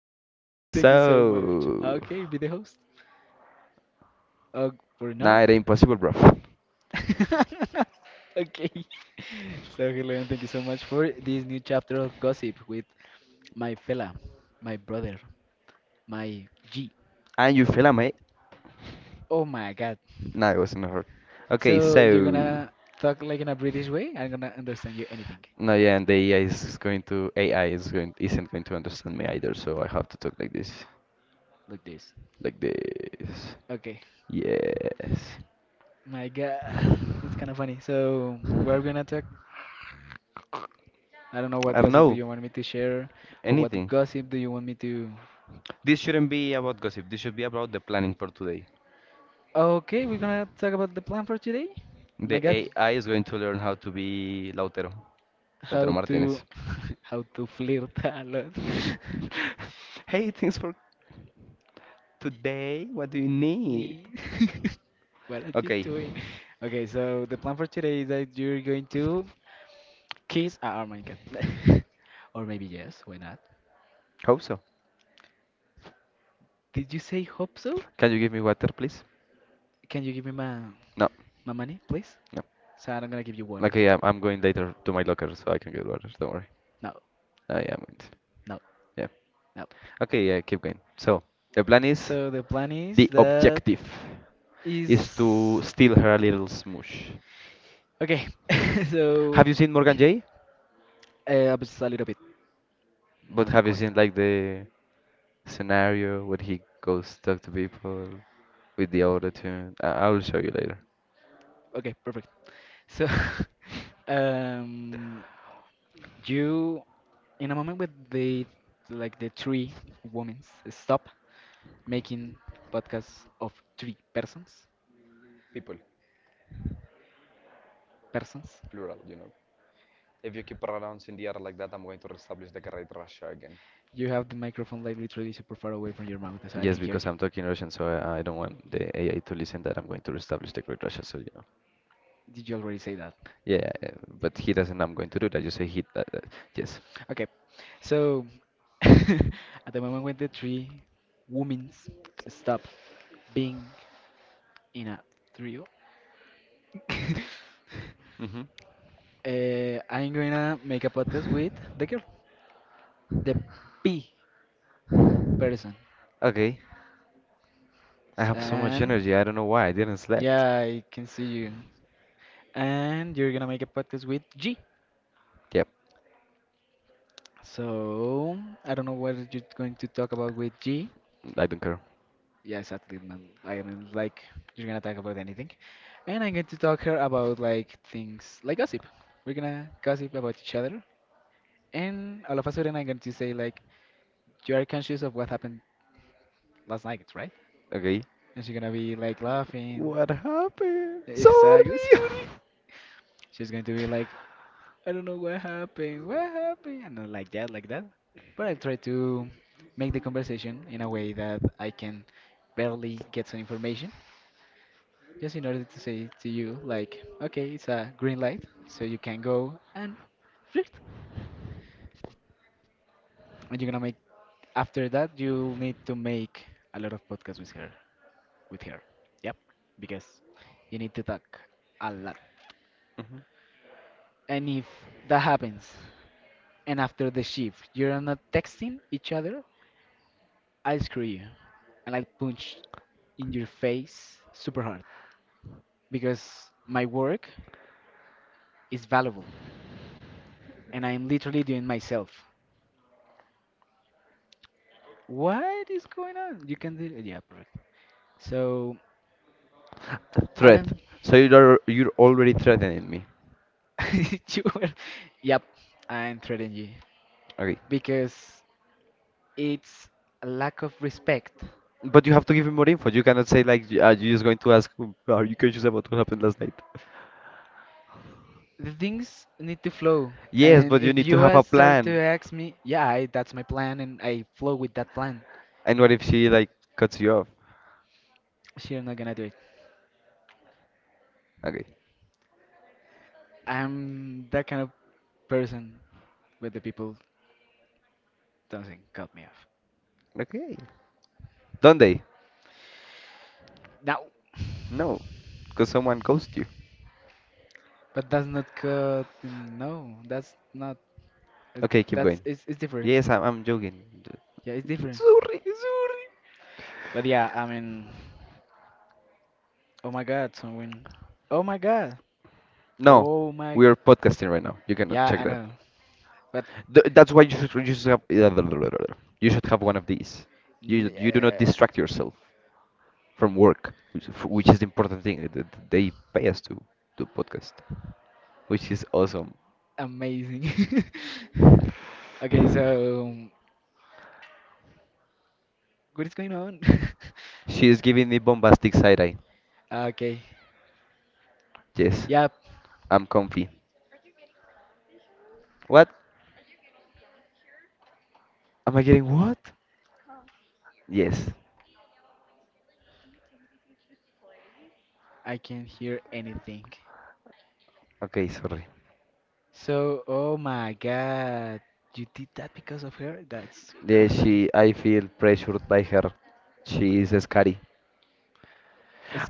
hello and thank you so much. So, Okay, be the host. Uh, for nah, now. it ain't possible, bro. Okay. So, hello and thank you so much for this new chapter of gossip with my fella, my brother, my G. And you feel me? Oh my God. Nah, it wasn't hurt. Okay, So, you're so gonna talk like in a British way? I'm gonna understand you anything no, yeah, and the AI is going to AI is going isn't going to understand me either, so I have to talk like this, like this. like this. Okay. Yes. My God. That's kind of funny. So, we're gonna talk. I don't know what I don't gossip do know you want me to share or what anything. gossip do you want me to. This shouldn't be about gossip. This should be about the planning for today. Okay, we're gonna talk about the plan for today. My The God, AI is going to learn how to be Lautero, how Lautero to Martinez. how to flirt a lot. Hey, thanks for today. What do you need? Nee. What are you Okay, doing? Okay, so the plan for today is that you're going to kiss. Ah, oh my God. Or maybe yes. Why not? hope so. Did you say hope so? Can you give me water, please? Can you give me my No. my money, please? No. So I'm gonna give you water. Okay, I'm going later to my locker so I can get water. Don't worry. No, I am going to. no, Yeah. no. Okay, yeah, keep going. So, the plan is, So the plan is the that objective is to is steal her little smoosh. okay. Have So you seen Morgan Jay? Just a little bit, But not have you quite. seen like the scenario where he goes talk to people with the auto tune. I will show you later. Okay, perfect. So um, you, in a moment with the, like, the three women, stop making podcasts of three persons People, persons. plural, you know. If you keep pronouncing the R like that, I'm going to reestablish the correct Russia again. You have the microphone like literally super far away from your mouth, so I Yes, can hear because you. I'm talking Russian, so I don't want the AI to listen that I'm going to reestablish the correct Russia. So you know, Did you already say that? yeah, yeah, yeah, but he doesn't. I'm going to do that. You say he. Yes. Okay, so at the moment when the three women stop being in a trio, Mm-hmm. I'm gonna make a podcast with the girl, the P person. Okay. I have so much And energy. I don't know why I didn't sleep. yeah, I can see you. And you're gonna make a podcast with G. Yep. So I don't know what you're going to talk about with G. I don't care. Yeah, exactly, man. I mean, like, you're gonna talk about anything. And I'm going to talk here about, like, things like gossip. We're gonna gossip about each other. And all of a sudden, I'm going to say, like, you are conscious of what happened last night, right? Okay. And she's gonna be, like, laughing. What happened? Exactly. Sorry. Sorry. She's going to be like, I don't know what happened. What happened? And then like that, like that. But I try to make the conversation in a way that I can barely get some information just in order to say to you, like, okay, it's a green light, so you can go and flirt. And you're gonna make, after that, you'll need to make a lot of podcasts with her. Yep, because you need to talk a lot. And if that happens, and after the shift, you're not texting each other, I'll screw you. And I'll punch in your face super hard because my work is valuable and I'm literally doing myself. What is going on? You can do it. Yeah, perfect. So, Threat. Adam, So you're already threatening me. you were. Yep, I'm threatening you Okay. because it's a lack of respect. But you have to give me more info. You cannot say like are you just going to ask, "Mm, are you conscious about what happened last night?" The things need to flow, Yes, and but you if need to you have a start to plan. ask me, yeah, that's my plan, and I flow with that plan. And what if she like cuts you off? Sure, I'm not gonna do it. Okay. I'm that kind of person where the people doesn't cut me off. Okay. Don't they? Now, No. Because someone ghosts you. but that's not cut. No, that's not. Okay, keep That's going. It's different. Yes, I'm joking. Yeah, it's different. Sorry. It's so- But yeah, I mean, oh my God, someone. Oh my God. No. Oh my. We are podcasting right now. You cannot Yeah, check I that. know. But That's why you should have you should have one of these. You n- you do not uh, distract yourself from work, which is the important thing. That They pay us to do podcast, which is awesome. amazing. Okay, so what is going on? She is giving me bombastic side eye. Okay. Yes, Yep, I'm comfy. What? Am I getting what? Yes. I can hear anything. Okay, sorry. So, oh my God, you did that because of her? That's kind Yeah, of nice. she. I feel pressured by her. She is scary.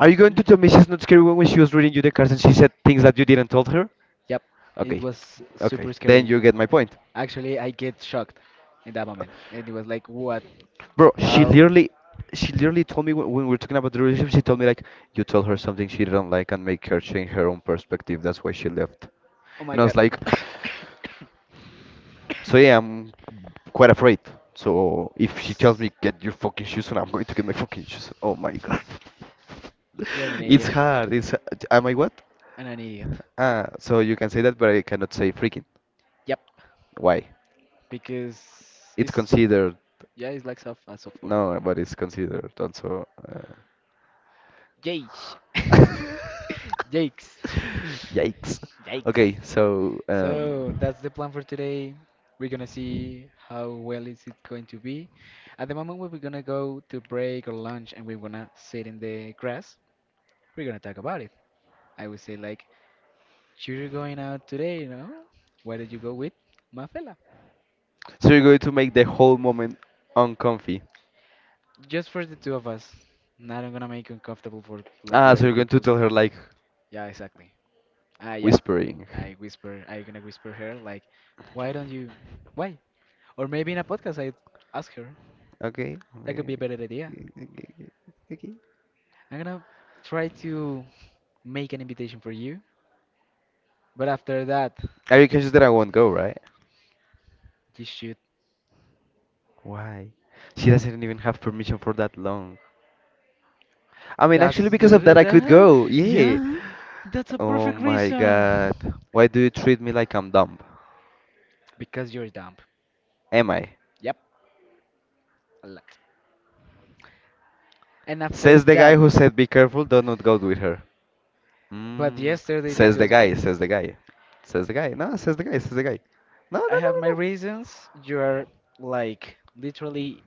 Are you going to tell me she's not scary when she was reading you the cards and she said things that you didn't tell her? Yep, it Okay, was super okay. Then scary. you get my point. Actually, I get shocked in that moment, and it was like, what? Bro, How? She literally told me when, we were talking about the relationship, she told me like, you tell her something she didn't like and make her change her own perspective. That's why she left. Oh my And I was god. like, so yeah, I'm quite afraid. So if she tells me S- get your fucking shoes on, I'm going to get my fucking shoes on. Oh my god, You're an it's idiot. hard. It's, am I what? And an idiot. Ah, so you can say that, but I cannot say freaking. Yep, Why? because It's it's, considered. yeah, it's like soft as of course. No, but it's considered also. Yeesh. Jakes. yikes. Jakes. Okay, so So that's the plan for today. We're gonna see how well is it going to be. At the moment, we're gonna go to break or lunch, and we're gonna sit in the grass. We're gonna talk about it. I would say like, you're going out today, you know? Why did you go with my fella? so you're going to make the whole moment uncomfy. Just for the two of us. Not I'm gonna make uncomfortable for like the Ah, so other you're going to people. tell her like Yeah, exactly. Ah, yeah. whispering. I whisper. I gonna whisper her like, why don't you? Why? Or maybe in a podcast, I ask her. Okay, That okay, could okay, be a better idea. okay. Okay. Okay. I'm gonna try to make an invitation for you, but after that, Are you conscious that I won't go, right? you should. Why? She doesn't even have permission for that long. I mean, That's actually, because of that, the I could that go. Yeah. yeah, that's a Oh perfect my reason. God. Why do you treat me like I'm dumb? Because you're dumb. Am I? Yep, a lot. And after Says the guy that, who said be careful, do not go with her. but Mm, yesterday says the because guy, says the guy. Says the guy. No, says the guy, says the guy. No, no, I no, have my no, no. reasons, you are like literally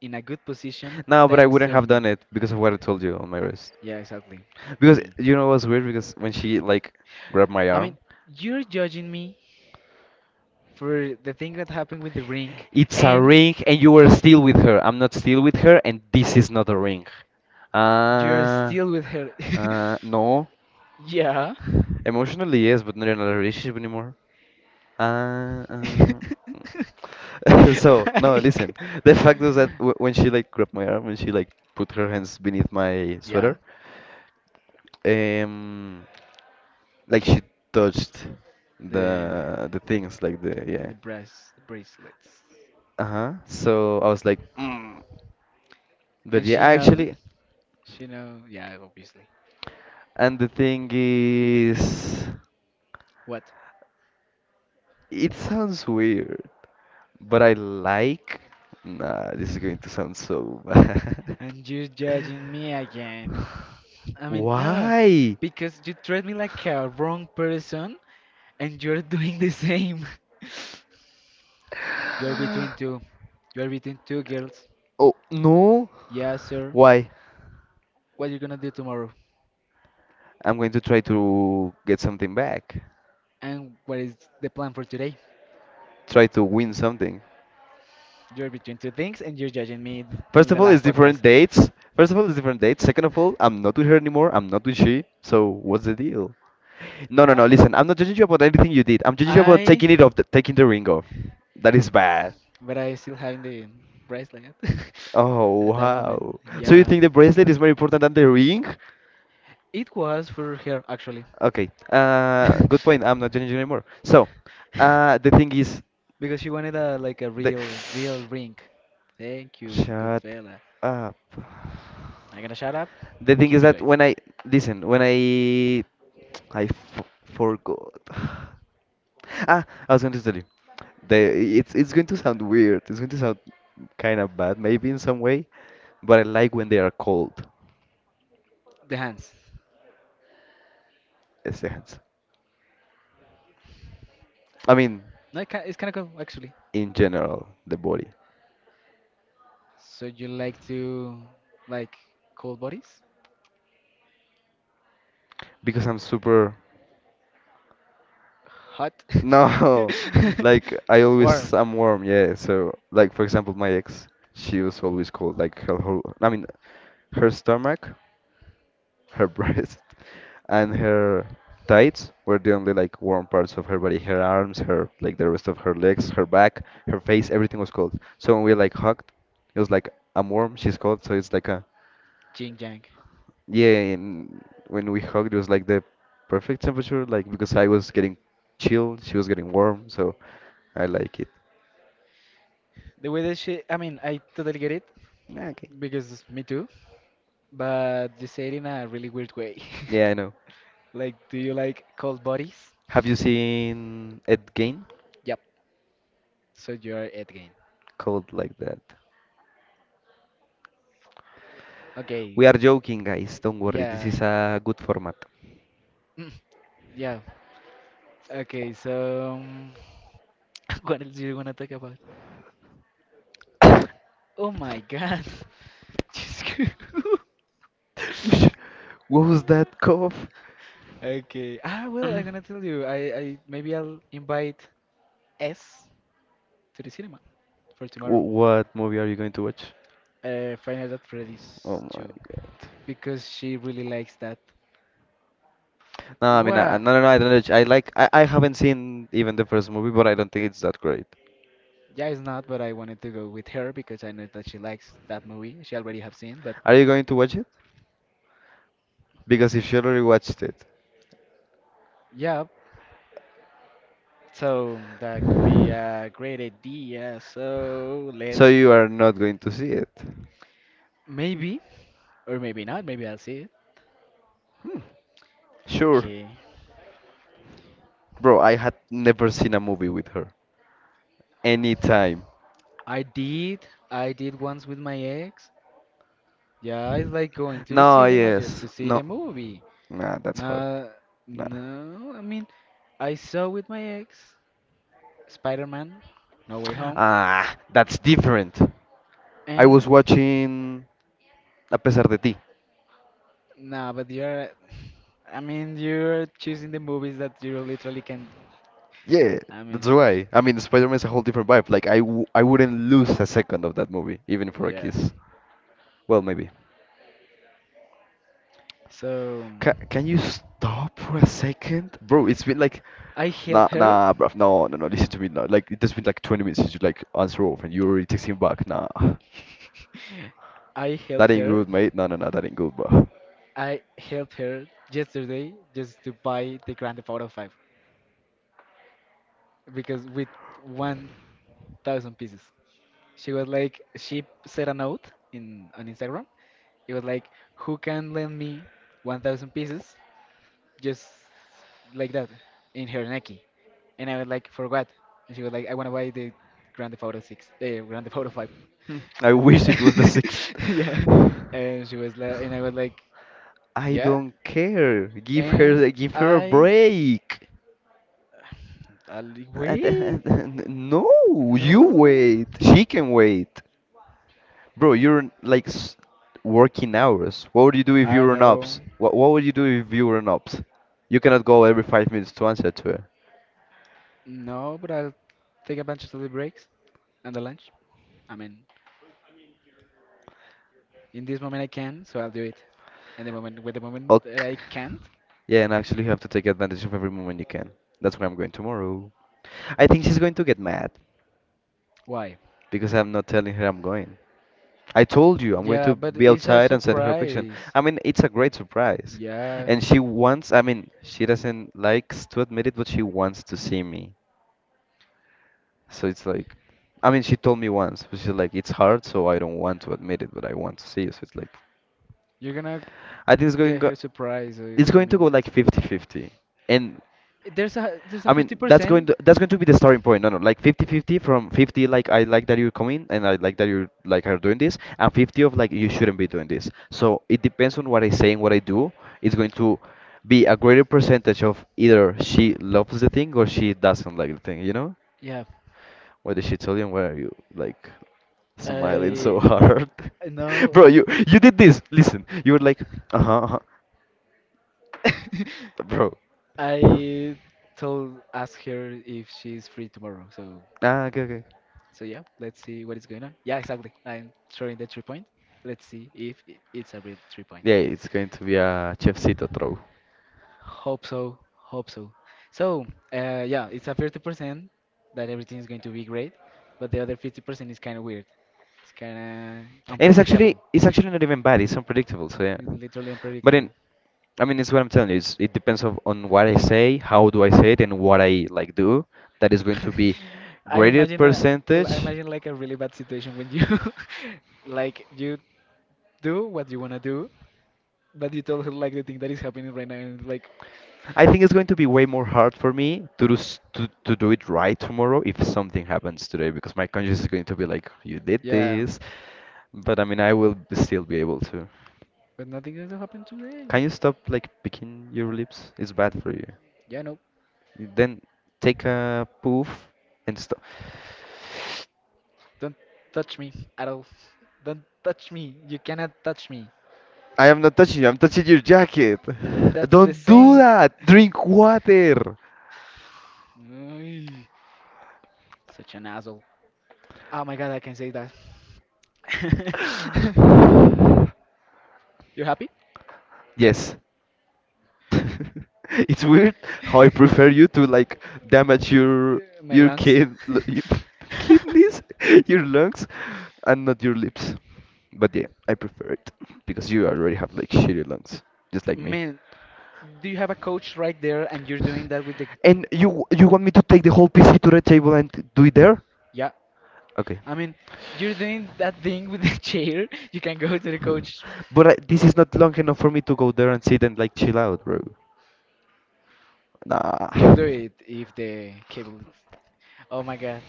in a good position No, but I thanks wouldn't to have me. done it because of what I told you on my wrist. Yeah, exactly. I Because mean, you know what's weird? Because when she like grabbed my I mean, arm, you're judging me for the thing that happened with the ring. it's a So ring and you were still with her. I'm not still with her and this is not a ring. you're Uh, still with her. No. Yeah. Emotionally, yes, but not in a relationship anymore. Uh, um, so no, Like- listen. The fact was that w when she like grabbed my arm, when she like put her hands beneath my yeah, sweater, um, like she touched the the the things, like the yeah. the breast bracelets. Uh-huh. So I was like, mm. But And yeah, she knows. actually, She know. Yeah, obviously. and the thing is, What? it sounds weird, but I like. Nah, this is going to sound so bad. And you're judging me again. I mean, no, Why? because you treat me like a wrong person, and you're doing the same. You're between two. You're between two girls. Oh, no. Yes, sir. Why? What you gonna do tomorrow? I'm going to try to get something back. And what is the plan for today? Try to win something. You're between two things, and you're judging me in First of the all, it's last different podcast. dates. First of all, it's different dates. Second of all, I'm not with her anymore. I'm not with she. So what's the deal? No, Uh, no, no. Listen, I'm not judging you about anything you did. I'm judging you about I, taking it off, taking the ring off. That is bad. but I still having the bracelet Oh, at that moment. wow. So you Yeah, think the bracelet is more important than the ring? it was for her actually, Okay. Good point. I'm not judging you anymore. So, the thing is, because she wanted a the real, real ring. Thank you, good shut fella. up. I'm gonna shut up. The thing is Keep it that going. when I listen, when I f forgot. Ah, I was going to tell you. The It's going to sound weird. It's going to sound kind of bad, maybe in some way, but I like when they are cold. The hands. Yes, the hands. I mean, No, it's kind of cool actually. in general, the body, So you like to like cold bodies? because I'm super. Hot? No, like I always I'm warm. Yeah. So like for example, my ex, she was always cold. Like her whole. I mean, her stomach, her breast and her tights were the only like warm parts of her body. Her arms, her like the rest of her legs, her back, her face, everything was cold. So when we like hugged, it was like I'm warm, she's cold, so it's like a Jing Jang. yeah. And when we hugged, it was like the perfect temperature, like because I was getting chill, she was getting warm, so I like it. The way that she, I mean, I totally get it Okay. because me too, but you say it in a really weird way. Yeah, I know. Like, do you like cold bodies? Have you seen Ed Gein? Yep. So you're at game. Cold like that. Okay. We are joking, guys. Don't worry. This Yeah. is a good format. Mm, yeah. Okay. So, what else do you wanna talk about? Oh my God. Whoosh. What was that cough? Okay. Ah, well, I'm gonna tell you. I maybe I'll invite S to the cinema for tomorrow. What movie are you going to watch? Final at Oh Freddy's 2 my god. because she really likes that. No, I mean, What? no, no, no, I don't know. I like, I haven't seen even the first movie, but I don't think it's that great. Yeah, it's not, but I wanted to go with her because I know that she likes that movie. She already have seen, but Are you going to watch it? Because if you already watched it, yeah, so that could be a great idea. So so let's you are not going to see it. maybe or maybe not. Maybe I'll see it. Sure. Okay. Bro, I had never seen a movie with her. Anytime. I did. I did once with my ex. Yeah, it's like going to the No, cinema just yes. to see No. the movie. Nah, that's hard. Uh, Nah. no, I mean, I saw with my ex Spider-Man, No Way Home, Ah, that's different. I was and watching a pesar de ti. nah, but you're, I mean, you're choosing the movies that you literally can, Yeah, I mean, that's why. I mean, spider man is a whole different vibe. Like, I wouldn't lose a second of that movie, even for a yeah. kiss. Well, maybe. So Ca Can you stop for a second? Bro, it's been like, I nah, helped her. nah, bruv, no, no, no, listen to me now. Like, it's been like 20 minutes since you, like, answer off, and you already texting back. Nah, I that helped ain't her. good, mate. No, no, no, that ain't good, bro. I helped her yesterday just to buy the Grand Theft Auto 5, because with 1,000 pieces, she was like, she said a note in on Instagram. It was like, who can lend me 1,000 pieces, just like that, in her necky? And I was like, for what? And she was like, I want to buy the grand theft auto 6 the grand theft auto 5. I wish it was the sixth. Yeah. And she was like, and I was like, I yeah. don't care. And Give her a i break. I'll wait. No, No, you wait. She can wait. Bro, you're in, working hours. What would you do if I you were an know. ops? What would you do if you were an ops? You cannot go every 5 minutes to answer to her. No, but I'll take advantage of the breaks and the lunch. I mean, in this moment I can, so I'll do it. And the moment, with the moment that Okay. I can't, Yeah, and actually you have to take advantage of every moment you can. That's where I'm going tomorrow. I think she's going to get mad why? because I'm not telling her I'm going. I told you I'm going Yeah, to but be it's a outside and send her a picture. surprise. I mean, it's a great surprise. Yeah, And she wants, I mean, she doesn't likes to admit it, but she wants to see me. So it's like, I mean, she told me once, but she's like, it's hard, so I don't want to admit it, but I want to see you. So it's like, you're gonna I think it's going get go. her It's surprises. I going to go mean, like 50-50, and there's a I fifty mean, that's going percent. to, that's going to be the starting point. No, no, like 50-50 from 50 like I like that you're coming and I like that you like are doing this and 50 of like you shouldn't be doing this. So it depends on what I say and what I do. It's going to be a greater percentage of either she loves the thing or she doesn't like the thing, you know? Yeah, What did she tell you and why are you like smiling I so hard? no, Bro, you did this. Listen, you were like, uh-huh, uh-huh. Bro. I told ask her if she's free tomorrow. So Ah, okay, okay. so yeah, let's see what is going on. Yeah, exactly. I'm throwing the 3-point. Let's see if it's a real 3-point. Yeah, it's going to be a chefcito throw. Hope so. Hope so. So, yeah, it's a 50% that everything is going to be great, but the other 50% is kind of weird. It's kind of And it's actually, unpredictable. it's actually not even bad. It's unpredictable. So yeah. It's literally But in unpredictable. I mean, it's what I'm telling you. It depends on what I say, how do I say it, and what I like do. That is going to be I graded imagine a, l- I percentage. imagine like a really bad situation when you like you do what you wanna do, but you tell her like the thing that is happening right now and it's like, I think it's going to be way more hard for me to do to do it right tomorrow if something happens today because my conscience is going to be like, you did yeah, this. But I mean, I will still be able to. but nothing going to happen today. Can you stop like picking your lips? It's bad for you. Yeah, no, Then take a poof and stop. don't touch me at all. Don't touch me. You cannot touch me. I am not touching you, I'm touching your jacket. That's the Don't do same. that. Drink water. Ay, such an asshole. Oh my god, I can say that. You happy? Yes. It's weird how I prefer you to like damage your My your lungs. kid l- your kidneys, your lungs, and not your lips. But yeah, I prefer it because you already have like shitty lungs, just like me. Man, do you have a coach right there and you're doing that with the. And you want me to take the whole PC to the table and do it there? Yeah. Okay. I mean, you're doing that thing with the chair. You can go to the coach. But I, this is not long enough for me to go there and sit and like chill out, bro. Nah. You'll do it if the cable. Oh my god.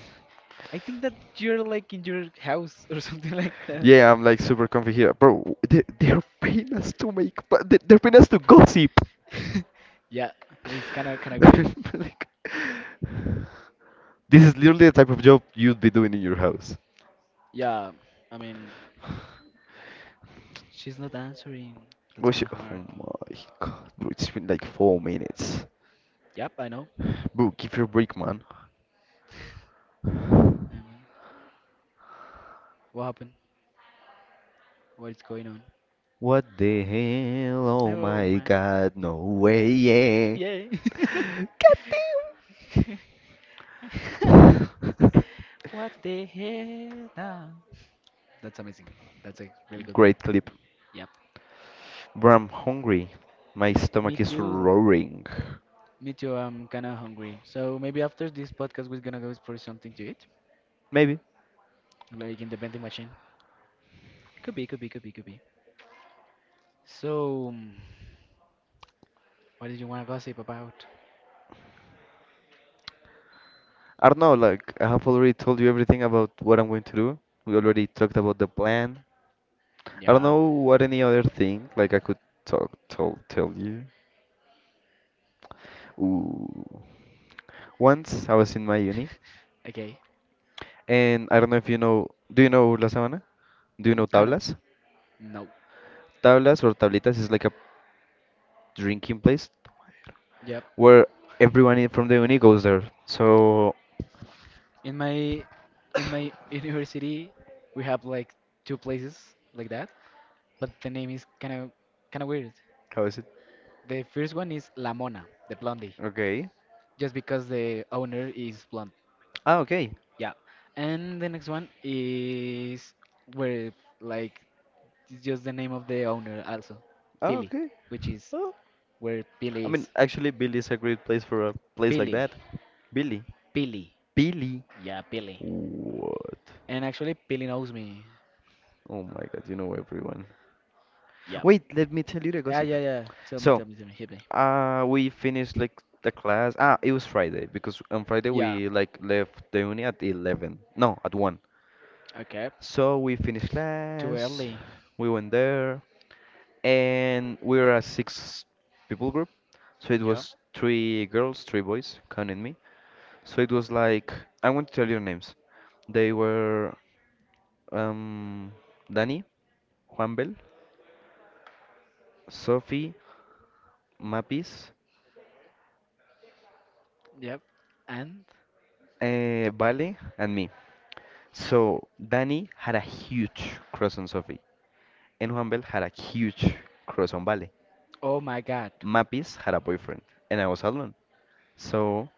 I think that you're like in your house or something like that. Yeah, I'm like super comfy here, bro. They're paying us to make, but they're paying us to gossip. Yeah, it's kind of great. like, this is literally the type of job you'd be doing in your house. Yeah, I mean, she's not answering. That's Gosh, kind of oh hard. my god, bro, it's been like 4 minutes. Yep, I know. Bro, give your break, man. Um, what happened? What's going on? What the hell? Oh Oh my man. god, no way, yeah. Yeah. God damn. What the hell? Nah. That's amazing. That's a really good meme. Great clip. Yep. Bro, I'm hungry. My stomach Me is too. roaring. Me too. I'm kind of hungry. So maybe after this podcast, we're gonna go for something to eat, Maybe. like in the vending machine. Could be, could be, could be, could be. So, what did you wanna gossip about? I don't know, like I have already told you everything about what I'm going to do. We already talked about the plan. I don't Yeah. know what any other thing like I could talk tell tell you. Ooh. Once I was in my uni Okay. and I don't know if do you know La Sabana? Do you know Kind of. Tablas? No. Tablas or Tablitas is like a drinking place Yep. where everyone from the uni goes there. So in my in my university, we have like two places like that, but the name is kind of weird. how is it? The first one is La Mona, the blondie, Okay. just because the owner is blonde. Ah, okay. Yeah. And the next one is, where, like, it's just the name of the owner also, Ah, Pili, okay. which is Oh. where I Pili mean is. actually Billy is a great place for a place like Pili. that. Billy. Pili. Billy. Yeah, Pili. What? And actually Pili knows me. Oh my god, you know everyone. Yeah. Wait, let me tell you the Ah, gossip. yeah, yeah. Tell me, So, tell me, tell me. Hit me. We finished like the class. Ah, it was Friday because on Friday Yeah. we like left the uni at 11. No, at 1. Okay. So we finished Too class. early. We went there and we were a six people group. So it Yeah. was three girls, three boys, counting me. So it was like I won't tell your names. They were um Danny, Juanbel, Sophie, Mapis, Yep. And Vale, and me. So Danny had a huge crush on Sophie, and Juanbel had a huge crush on Vale. oh my God. Mapis had a boyfriend, and I was alone. So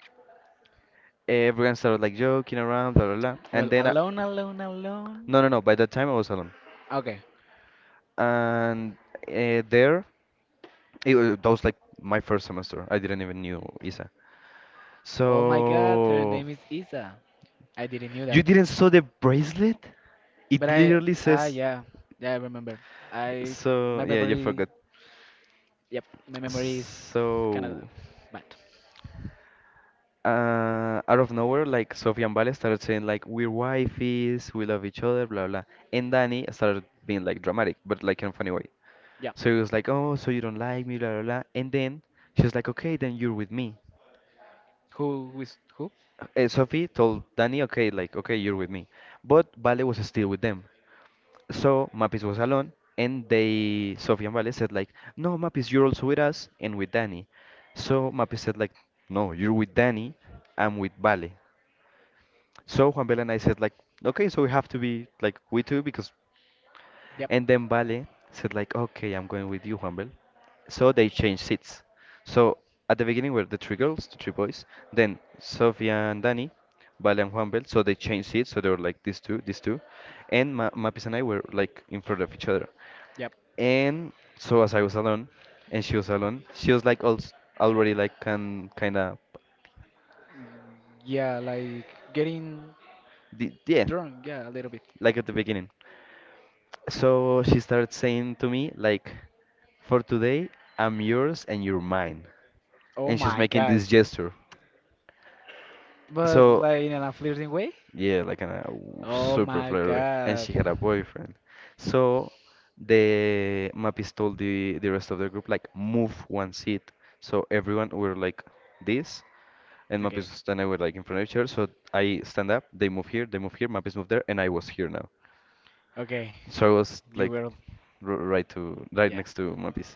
everyone started like joking around, blah blah blah. And Well, then, I, alone, alone, alone. no, no, no. By that time, I was alone, Okay. and there, it, was. That was like my first semester. I didn't even knew Isa. Oh my God. Her So name is Isa. I didn't knew that. you didn't saw the bracelet? But It I literally ah says. yeah, yeah, I remember. I my So yeah, you memory forgot. Yep, my memory is kind of So bad. Out of nowhere, like Sofia and Vale started saying like we're wifeys, we love each other, blah blah. And Danny started being like dramatic, but like in a funny way. Yeah. So he was like, oh, so you don't like me, blah blah blah. And then she was like, okay, then you're with me. Who is who? Sophie told Danny, okay, okay, you're with me. But Vale was still with them. So Mapis was alone, and Sophie and Vale said like, "No, Mapis, you're also with us and with Danny." So Mapis said like, "No, you're with Danny, I'm with Vale." So Juan Bel and I said like, "Okay, so we have to be like we two because," Yep. and then Vale said like, "Okay, I'm going with you, Juan Bel." So they changed seats. So at the beginning were the three girls, the three boys, then Sophia and Danny, Vale and Juanbel. So they changed seats, so they were like these two, and Ma Mapis and I were like in front of each other. Yep. And so as I was alone, and she was alone, she was like al already like can kind of, Mm, yeah, like getting yeah, drunk. Yeah, a little bit. like at the beginning. So she started saying to me like, for today I'm yours and you're mine, Oh and she was my making god. this gesture. But So. like in a flirting way? Yeah, like a Oh super my flirty. And god. she had a boyfriend. So the mappies told the rest of the group like move one seat. So everyone were like this, and Okay. mappies and I were like in front of each other. So I stand up, they move here, mappies move there, and I was here now. Okay. So I was You like were. r right to right Yeah. next to mappies.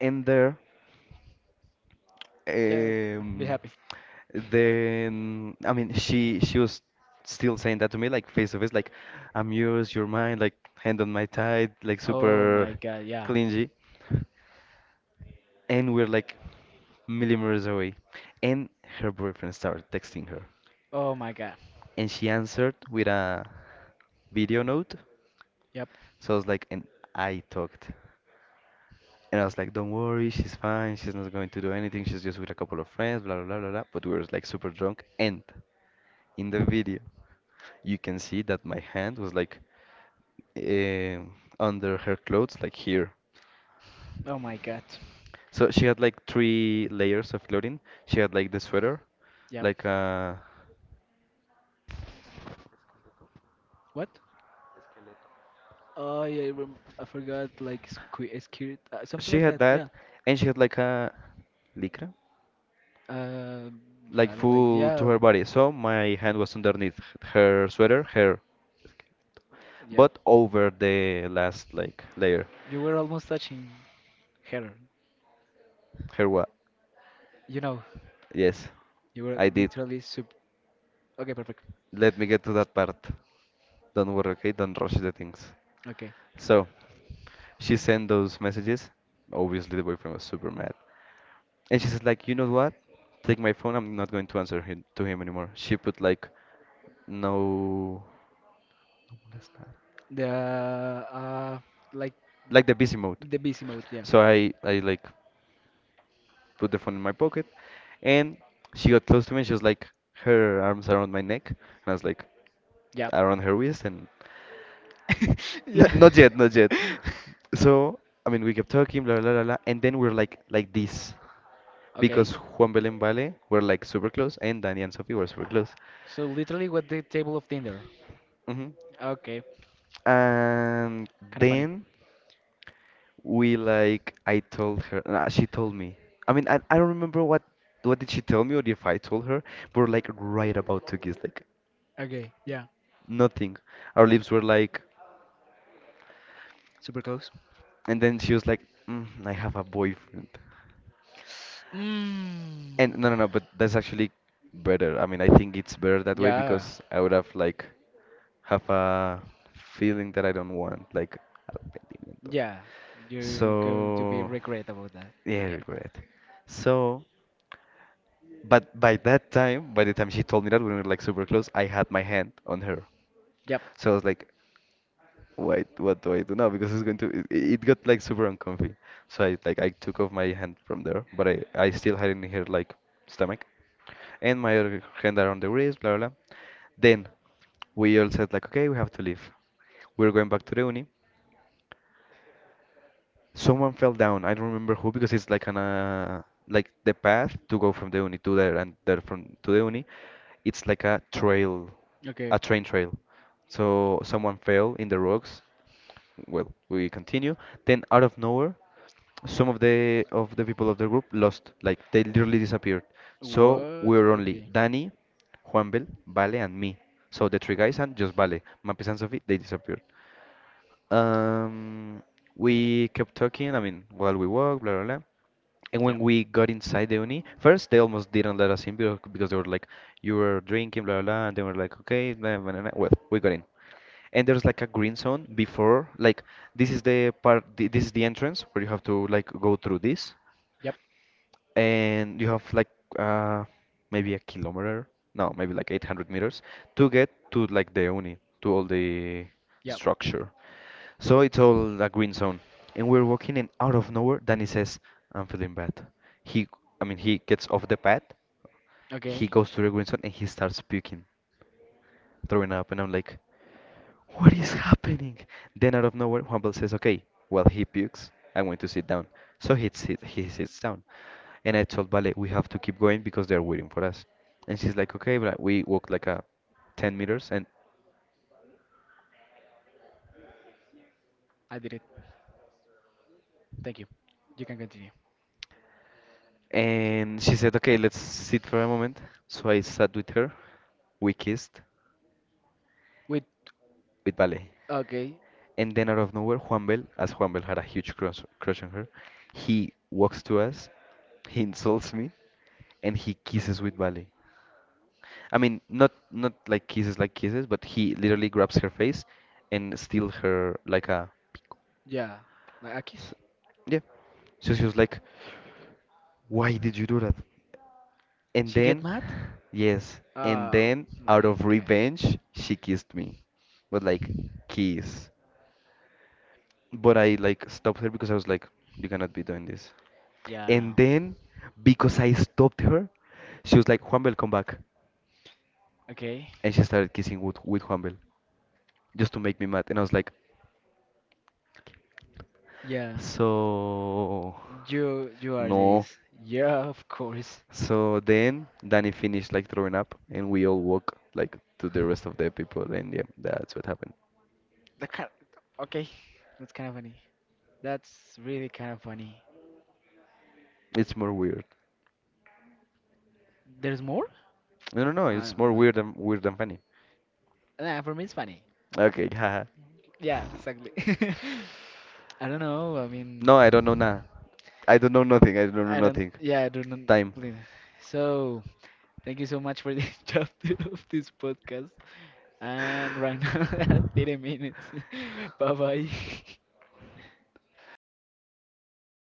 And there. Yeah, be Um, happy. then I mean she was still saying that to me like face to face like I'm yours, you're mine, like hand on my thigh, like Oh super my god, yeah. clingy. And we're like millimeters away. And her boyfriend started texting her. Oh my god. And she answered with a video note. Yep. So I was like, and I talked. And I was like, don't worry, she's fine, she's not going to do anything, she's just with a couple of friends, blah, blah, blah, blah, blah. But we were like super drunk. And in the video, you can see that my hand was like eh, under her clothes, like here. Oh my god. So she had like three layers of clothing. She had like the sweater, Yep. like What? Oh yeah, I forgot like squirt, something she like had that. Yeah. that, and she had like a lycra, Uh, like I don't like. full to Yeah. her body. So my hand was underneath her sweater, her Yep. but over the last like layer. You were almost touching her. Here what? You know, Yes, you were I did. literally sup. Okay, perfect. Let me get to that part. Don't worry, okay? Don't rush the things. Okay. So she sent those messages. Obviously, the boyfriend was super mad, and she says like, you know what? Take my phone. I'm not going to answer him anymore. She put like no, no molestar. The uh, like Like the busy mode. the busy mode. Yeah. So I like put the phone in my pocket, and she got close to me and she was like, her arms around my neck, and I was like, Yep. around her waist, and Yeah. not yet, not yet. So, I mean, we kept talking, blah, blah, blah, blah, and then we are like this, Okay. because Juan Belén Vale were like super close, and Danny and Sophie were super close. So literally what the table of Tinder. Hmm Okay. And Kind of funny. then we like, I told her, nah, she told me. I mean, I don't remember what did she tell me or if I told her. But we're like right about to kiss, like Okay, yeah, nothing. Our lips were like, super close. and then she was like, mm, I have a boyfriend. Mm. And no, no, no, but that's actually better. I mean, I think it's better that way Yeah. because I would have like have a feeling that I don't want, like arrepentimiento. Yeah. You're going to be So, regret about that. But yeah, yeah. regret. So, but by that time, by the time she told me that, when we were like super close, I had my hand on her. Yep. So I was like, Why? What do I do now? Because it's going to. It got like super uncomfy. So I took off my hand from there, but I still had it in her like stomach, and my other hand around the wrist, blah blah blah. Then we all said like, okay, we have to leave. We are going back to the uni. Someone fell down. I don't remember who because it's like an like the path to go from the uni to there and there from to the uni. It's like a trail, Okay, a train trail. So someone fell in the rocks. Well, we continue. Then out of nowhere, some of the people of the group lost, like they literally disappeared. So what? we were only Okay. Danny, Juanbel, Vale, and me. So the three guys and just Vale, Mapes and Sophie, they disappeared. Um, we kept talking, I mean, while we walked, blah, blah, blah. And when Yep. we got inside the uni, first they almost didn't let us in because they were like, you were drinking, blah, blah, blah. And they were like, okay, blah, blah, blah blah." Well, we got in. And there's like a green zone before, like, this is the part, this is the entrance where you have to like go through this Yep. and you have like uh, maybe a kilometer, no, maybe like 800 meters to get to like the uni, to all the Yep. structure. So it's all a green zone, and we're walking, and out of nowhere, Danny says, "I'm feeling bad." He, I mean, he gets off the path, he Okay. goes to the green zone, and he starts puking, throwing up, and I'm like, "What is happening?" Then out of nowhere, Humble says, "Okay, well he pukes. I'm going to sit down." So he sits down. And I told Vale, we have to keep going because they're waiting for us. And she's like, okay, but we walked like a 10 meters I did it. Thank you. You can continue. and she said, okay, let's sit for a moment. So I sat with her. We kissed With with Vale. okay, And then out of nowhere, Juanbel, as Juanbel had a huge crush on her, he walks to us, he insults me, and he kisses with Vale. I mean, not not like kisses like kisses, but he literally grabs her face and steals her like a yeah, like a S- kiss? yeah. So she was like, why did you do that? And She get then, mad. yes, and Oh then out my of god. revenge, she kissed me. But like, kiss. But I like stopped her because I was like, you cannot be doing this. Yeah, And then, because I stopped her, she was like, Juanbel, come back. okay. And she started kissing with Juanbel just to make me mad. And I was like, Yeah. so, You are no. this. Yeah, of course. So then Danny finished like throwing up, and we all walk like to the rest of the people, and yeah, that's what happened. That kind. Okay. That's kind of funny. That's really kind of funny. It's more weird. There's more? No, no, no, I it's don't more know. Weird than funny. Nah, for me it's funny. Okay, haha. Yeah, exactly. I don't know. I mean, No, I don't know nada. I don't know nothing. I don't know I don't, nothing. yeah, I don't Time. believe. So, thank you so much for this chapter of this podcast. And right now, 30 minutes. Bye bye.